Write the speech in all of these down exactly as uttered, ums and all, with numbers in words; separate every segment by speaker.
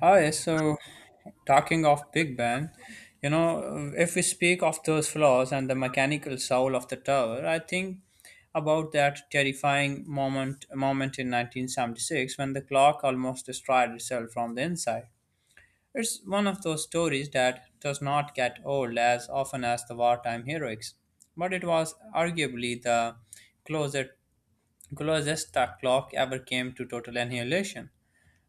Speaker 1: Hi, so talking of Big Ben, you know, if we speak of those flaws and the mechanical soul of the tower, I think about that terrifying moment moment in nineteen seventy-six when the clock almost destroyed itself from the inside. It's one of those stories that does not get old as often as the wartime heroics, but it was arguably the closest, closest the clock ever came to total annihilation.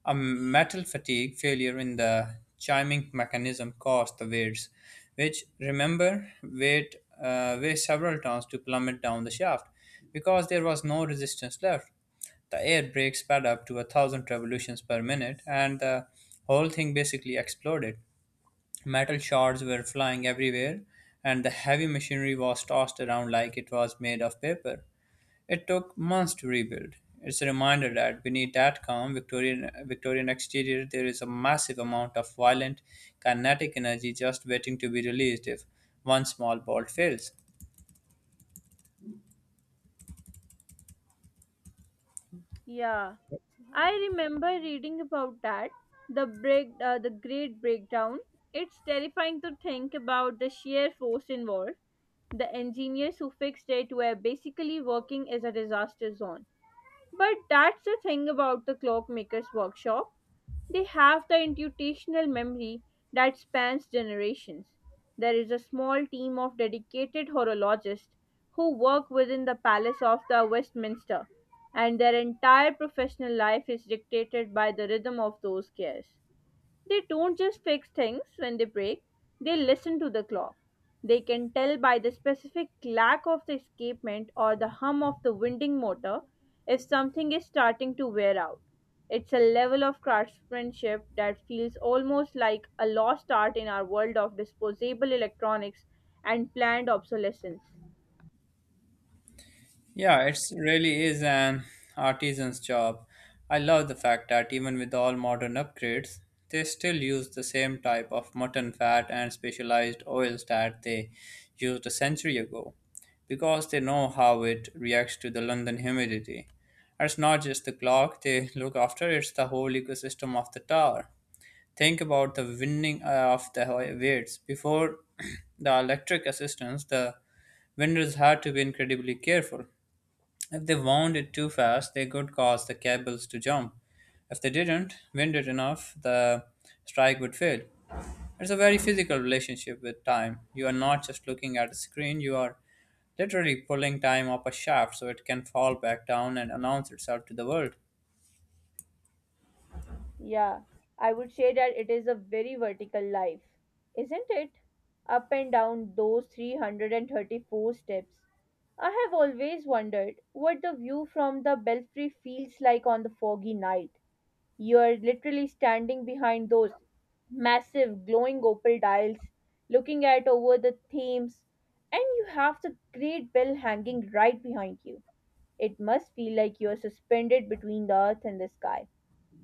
Speaker 1: A metal fatigue failure in the chiming mechanism caused the weights, which remember weighed, uh, weigh several tons to plummet down the shaft. Because there was no resistance left, the air brake sped up to a thousand revolutions per minute, and the whole thing basically exploded. Metal shards were flying everywhere, and the heavy machinery was tossed around like it was made of paper. It took months to rebuild. It's a reminder that beneath that calm Victorian Victorian exterior there is a massive amount of violent kinetic energy just waiting to be released if one small bolt fails.
Speaker 2: Yeah, I remember reading about that. The break, uh, the Great Breakdown. It's terrifying to think about the sheer force involved. The engineers who fixed it were basically working as a disaster zone. But that's the thing about the clockmaker's workshop. They have the intuitional memory that spans generations. There is a small team of dedicated horologists who work within the Palace of the Westminster, and their entire professional life is dictated by the rhythm of those gears. They don't just fix things when they break, they listen to the clock. They can tell by the specific clack of the escapement or the hum of the winding motor if something is starting to wear out. It's a level of craftsmanship that feels almost like a lost art in our world of disposable electronics and planned obsolescence.
Speaker 1: Yeah, it's really is an artisan's job. I love the fact that even with all modern upgrades, they still use the same type of mutton fat and specialized oils that they used a century ago because they know how it reacts to the London humidity. And it's not just the clock they look after, it's the whole ecosystem of the tower. Think about the winding uh, of the weights. Before the electric assistance, the vendors had to be incredibly careful if they wound it too fast, they could cause the cables to jump. If they didn't wind it enough, the strike would fail. It's a very physical relationship with time. You are not just looking at a screen, you are literally pulling time up a shaft so it can fall back down and announce itself to the world.
Speaker 2: Yeah, I would say that it is a very vertical life, isn't it? Up and down those three hundred thirty-four steps. I have always wondered what the view from the belfry feels like on the foggy night. You are literally standing behind those massive glowing opal dials, looking at over the Thames, and you have the great bell hanging right behind you. It must feel like you are suspended between the earth and the sky.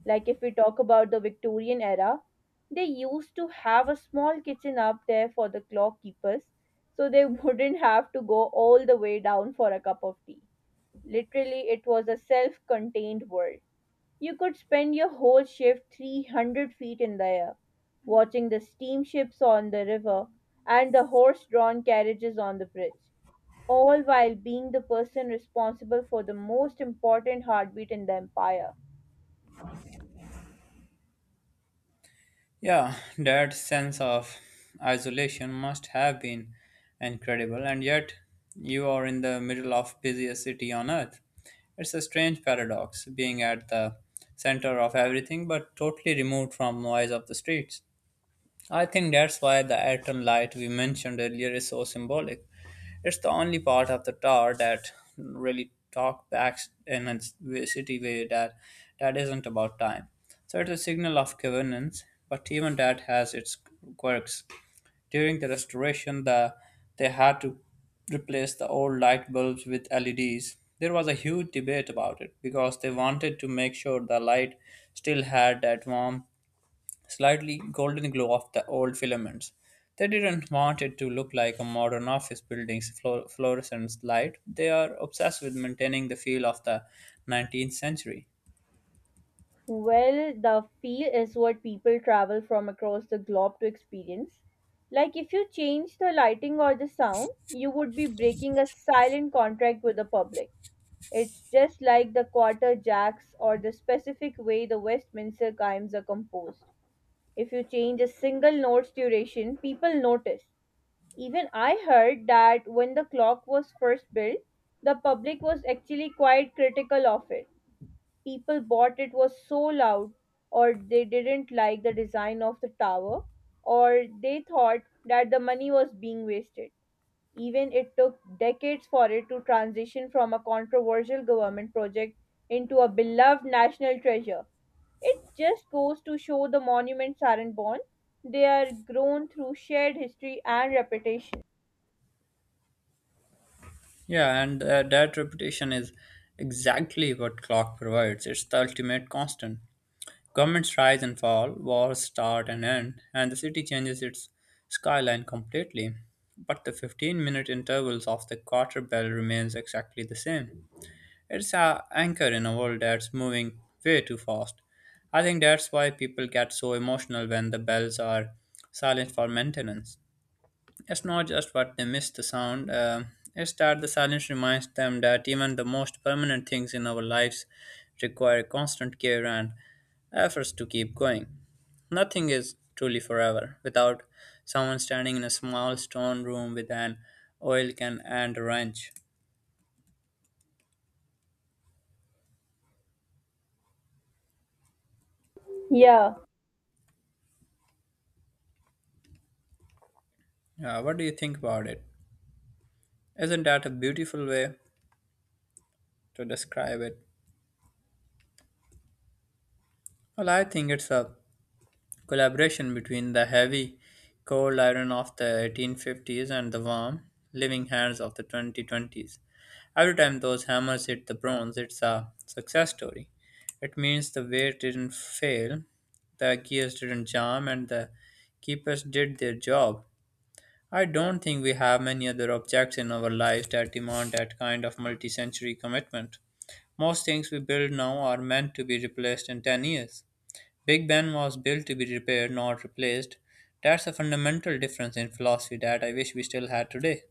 Speaker 2: Like if we talk about the Victorian era, they used to have a small kitchen up there for the clock keepers so they wouldn't have to go all the way down for a cup of tea. Literally, it was a self contained world. You could spend your whole shift three hundred feet in the air, watching the steamships on the river and the horse drawn carriages on the bridge, all while being the person responsible for the most important heartbeat in the empire.
Speaker 1: Yeah, that sense of isolation must have been incredible, and yet you are in the middle of busiest city on earth. It's a strange paradox, being at the center of everything but totally removed from noise of the streets. I think that's why the atom light we mentioned earlier is so symbolic. It's the only part of the tower that really talks back in a city way that that isn't about time. So it's a signal of governance, but even that has its quirks. During the restoration, the they had to replace the old light bulbs with L E Ds. There was a huge debate about it because they wanted to make sure the light still had that warmth slightly golden glow of the old filaments. They didn't want it to look like a modern office building's fluor- fluorescent light. They are obsessed with maintaining the feel of the nineteenth century.
Speaker 2: Well, the feel is what people travel from across the globe to experience. Like if you change the lighting or the sound, you would be breaking a silent contract with the public. It's just like the quarter jacks or the specific way the Westminster chimes are composed. If you change a single note's duration, people notice. Even I heard that when the clock was first built, the public was actually quite critical of it. People bought it was so loud, or they didn't like the design of the tower, or they thought that the money was being wasted. Even it took decades for it to transition from a controversial government project into a beloved national treasure. It just goes to show the monuments aren't born, they are grown through shared history and reputation.
Speaker 1: Yeah, and uh, that reputation is exactly what clock provides. It's the ultimate constant. Governments rise and fall, wars start and end, and the city changes its skyline completely. But the fifteen minute intervals of the quarter bell remains exactly the same. It's a anchor in a world that's moving way too fast. I think that's why people get so emotional when the bells are silent for maintenance. It's not just what they miss the sound, uh, it's that the silence reminds them that even the most permanent things in our lives require constant care and efforts to keep going. Nothing is truly forever without someone standing in a small stone room with an oil can and a wrench.
Speaker 2: yeah
Speaker 1: Uh, what do you think about it? Isn't that a beautiful way to describe it? Well, I think it's a collaboration between the heavy, cold iron of the eighteen fifties and the warm, living hands of the twenty twenties. Every time those hammers hit the bronze, it's a success story. It means the weight didn't fail, the gears didn't jam, and the keepers did their job. I don't think we have many other objects in our lives that demand that kind of multi century commitment. Most things we build now are meant to be replaced in ten years. Big Ben was built to be repaired, not replaced. That's a fundamental difference in philosophy that I wish we still had today.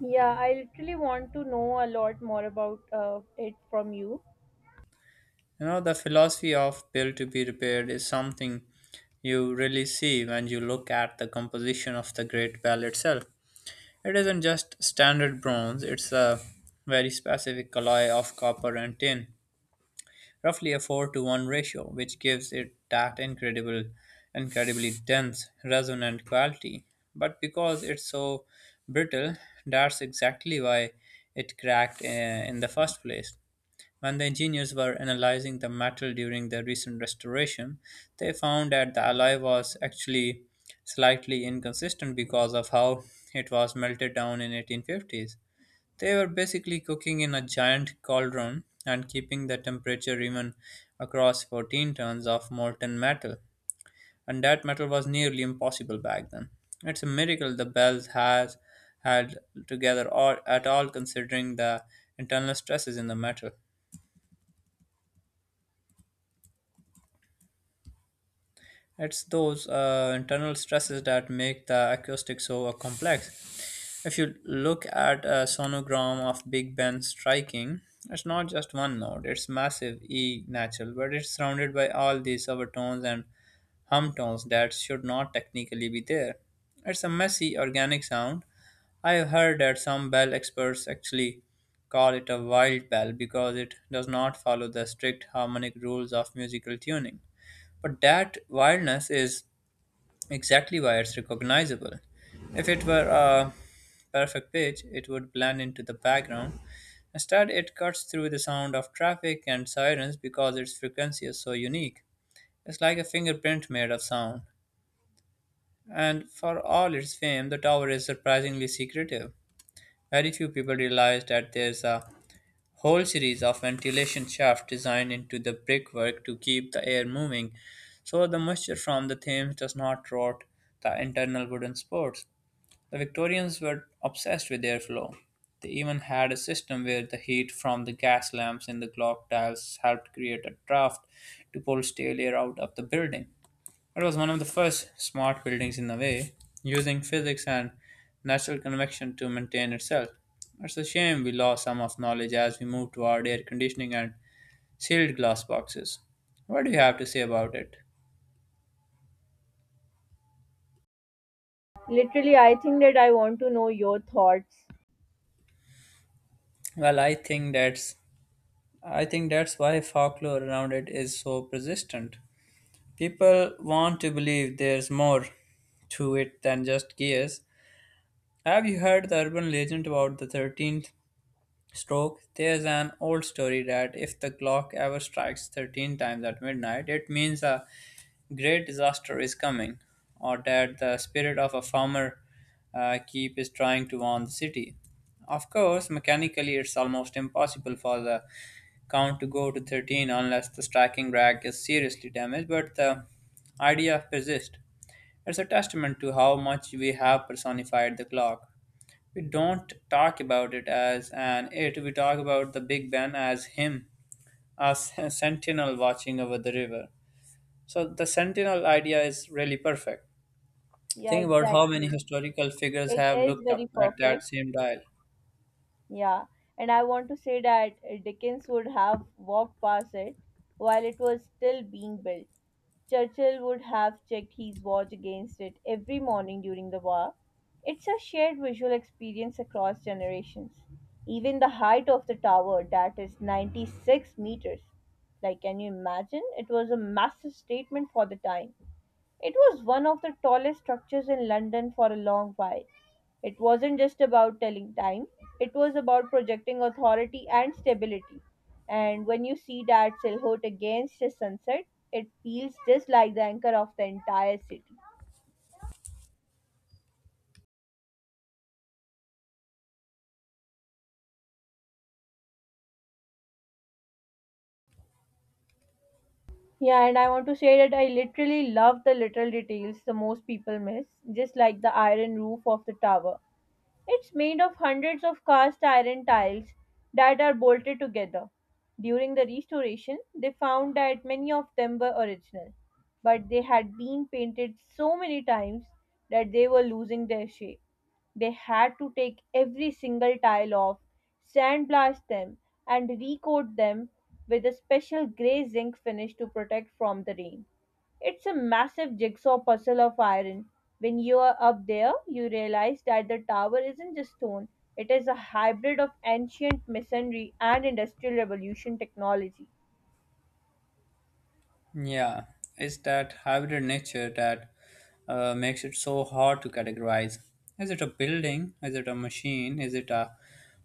Speaker 2: yeah I literally want to know a lot more about uh, it from you.
Speaker 1: You know, the philosophy of built to be repaired is something you really see when you look at the composition of the Great Bell itself. It isn't just standard bronze, it's a very specific alloy of copper and tin, roughly a four to one ratio, which gives it that incredible, incredibly dense, resonant quality. But because it's so brittle, that's exactly why it cracked uh, in the first place. When the engineers were analyzing the metal during the recent restoration, they found that the alloy was actually slightly inconsistent because of how it was melted down in eighteen fifties. They were basically cooking in a giant cauldron and keeping the temperature even across fourteen tons of molten metal, and that metal was nearly impossible back then. It's a miracle the bells has had together or at all considering the internal stresses in the metal. It's those uh, internal stresses that make the acoustics so uh, complex. If you look at a sonogram of Big Ben striking, it's not just one note, it's massive E natural, but it's surrounded by all these overtones and hum tones that should not technically be there. It's a messy organic sound. I've heard that some bell experts actually call it a wild bell because it does not follow the strict harmonic rules of musical tuning. But that wildness is exactly why it's recognizable. If it were a perfect pitch, it would blend into the background. Instead, it cuts through the sound of traffic and sirens because its frequency is so unique. It's like a fingerprint made of sound. And for all its fame, the tower is surprisingly secretive. Very few people realize that there's a whole series of ventilation shafts designed into the brickwork to keep the air moving so the moisture from the Thames does not rot the internal wooden supports. The Victorians were obsessed with airflow. They even had a system where the heat from the gas lamps in the clock dials helped create a draft to pull stale air out of the building. It was one of the first smart buildings in a way, using physics and natural convection to maintain itself. It's a shame we lost some of knowledge as we moved toward air conditioning and sealed glass boxes. What do you have to say about it?
Speaker 2: Literally, I think that I want to know your thoughts.
Speaker 1: Well, I think that's I think that's why folklore around it is so persistent. People want to believe there's more to it than just gears. Have you heard the urban legend about the thirteenth stroke? There's an old story that if the clock ever strikes thirteen times at midnight, it means a great disaster is coming, or that the spirit of a former uh, keep is trying to warn the city. Of course, mechanically, it's almost impossible for the count to go to thirteen unless the striking rack is seriously damaged, but the idea persists. It's a testament to how much we have personified the clock. We don't talk about it as an it, we talk about the Big Ben as him, a s- sentinel watching over the river. So the sentinel idea is really perfect.
Speaker 2: Yeah,
Speaker 1: Think about how
Speaker 2: exactly.
Speaker 1: many historical figures
Speaker 2: It
Speaker 1: have
Speaker 2: is
Speaker 1: looked up
Speaker 2: very
Speaker 1: at that
Speaker 2: perfect.
Speaker 1: same dial.
Speaker 2: Yeah. And I want to say that uh, Dickens would have walked past it while it was still being built. Churchill would have checked his watch against it every morning during the war. It's a shared visual experience across generations. Even the height of the tower, that is ninety-six meters. Like, can you imagine? It was a massive statement for the time. It was one of the tallest structures in London for a long while. It wasn't just about telling time, it was about projecting authority and stability. And when you see that silhouette against the sunset, it feels just like the anchor of the entire city. Yeah, and I want to say that I literally love the little details the most people miss, just like the iron roof of the tower. It's made of hundreds of cast iron tiles that are bolted together. During the restoration, they found that many of them were original, but they had been painted so many times that they were losing their shape. They had to take every single tile off, sandblast them, and recoat them with a special grey zinc finish to protect from the rain. It's a massive jigsaw puzzle of iron. When you are up there, you realize that the tower isn't just stone, it is a hybrid of ancient masonry and industrial revolution technology.
Speaker 1: Yeah, it's that hybrid nature that uh, makes it so hard to categorize. Is it a building? Is it a machine? Is it a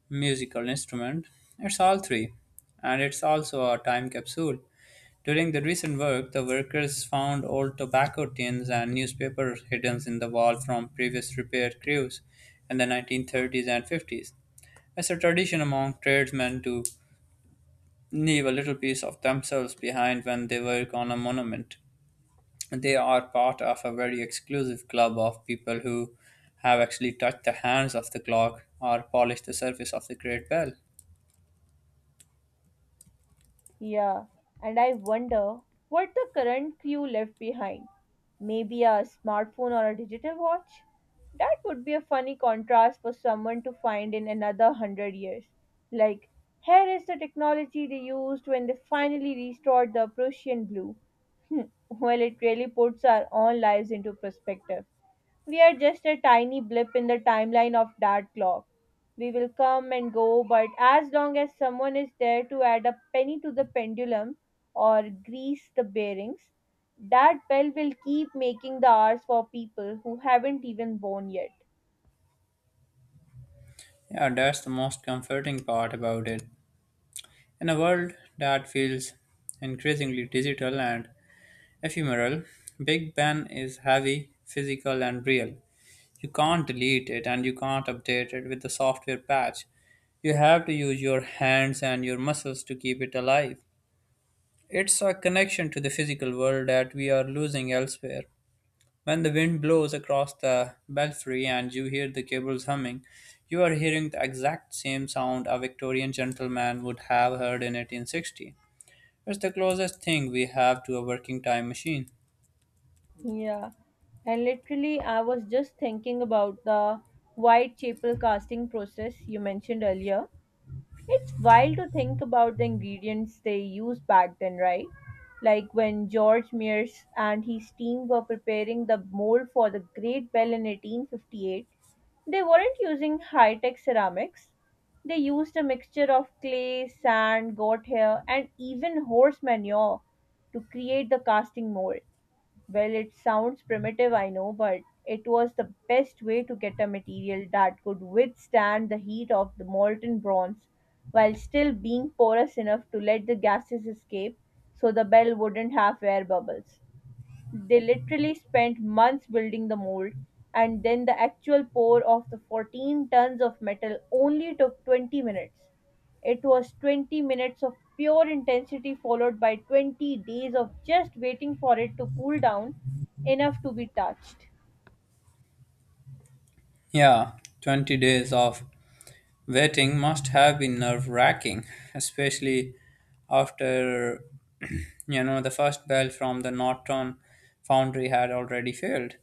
Speaker 1: musical instrument? It's all three. And it's also a time capsule. During the recent work, the workers found old tobacco tins and newspapers hidden in the wall from previous repair crews in the nineteen thirties and fifties. It's a tradition among tradesmen to leave a little piece of themselves behind when they work on a monument they are part of a very exclusive club of people who have actually touched the hands of the clock or polished the surface of the great bell.
Speaker 2: Yeah, and I wonder what the current crew left behind. Maybe a smartphone or a digital watch? That would be a funny contrast for someone to find in another hundred years. Like, here is the technology they used when they finally restored the Prussian blue. Hmm, well, it really puts our own lives into perspective. We are just a tiny blip in the timeline of that clock. We will come and go, but as long as someone is there to add a penny to the pendulum or grease the bearings, that bell will keep making the hours for people who haven't even born yet.
Speaker 1: Yeah, that's the most comforting part about it. In a world that feels increasingly digital and ephemeral, Big Ben is heavy, physical, and real. You can't delete it and you can't update it with the software patch. You have to use your hands and your muscles to keep it alive. It's a connection to the physical world that we are losing elsewhere. When the wind blows across the belfry and you hear the cables humming, you are hearing the exact same sound a Victorian gentleman would have heard in eighteen sixty. It's the closest thing we have to a working time machine.
Speaker 2: Yeah. And literally, I was just thinking about the Whitechapel casting process you mentioned earlier. It's wild to think about the ingredients they used back then, right? Like when George Mears and his team were preparing the mold for the Great Bell in eighteen fifty-eight, they weren't using high tech ceramics. They used a mixture of clay, sand, goat hair, and even horse manure to create the casting mold. Well, it sounds primitive, I know, but it was the best way to get a material that could withstand the heat of the molten bronze while still being porous enough to let the gases escape so the bell wouldn't have air bubbles. They literally spent months building the mold, and then the actual pour of the fourteen tons of metal only took twenty minutes. It was twenty minutes of pure intensity, followed by twenty days of just waiting for it to cool down enough to be touched.
Speaker 1: Yeah, twenty days of waiting must have been nerve wracking, especially after you know the first bell from the Norton foundry had already failed.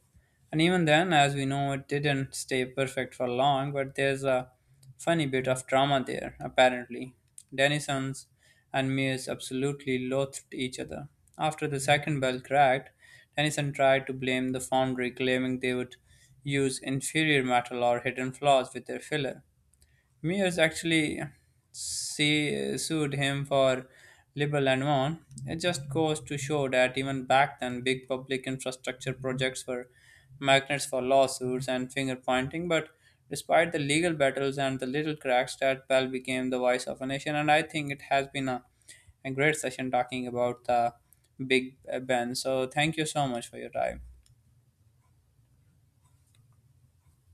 Speaker 1: And even then, as we know, it didn't stay perfect for long, but there's a funny bit of drama there, apparently. Denisons and Mears absolutely loathed each other. After the second bell cracked, Denison tried to blame the foundry, claiming they would use inferior metal or hidden flaws with their filler. Mears actually see, sued him for libel and won. It just goes to show that even back then, big public infrastructure projects were magnets for lawsuits and finger pointing. But despite the legal battles and the little cracks, that Bell became the voice of a nation. And I think it has been a, a great session talking about the Big Ben. So thank you so much for your time.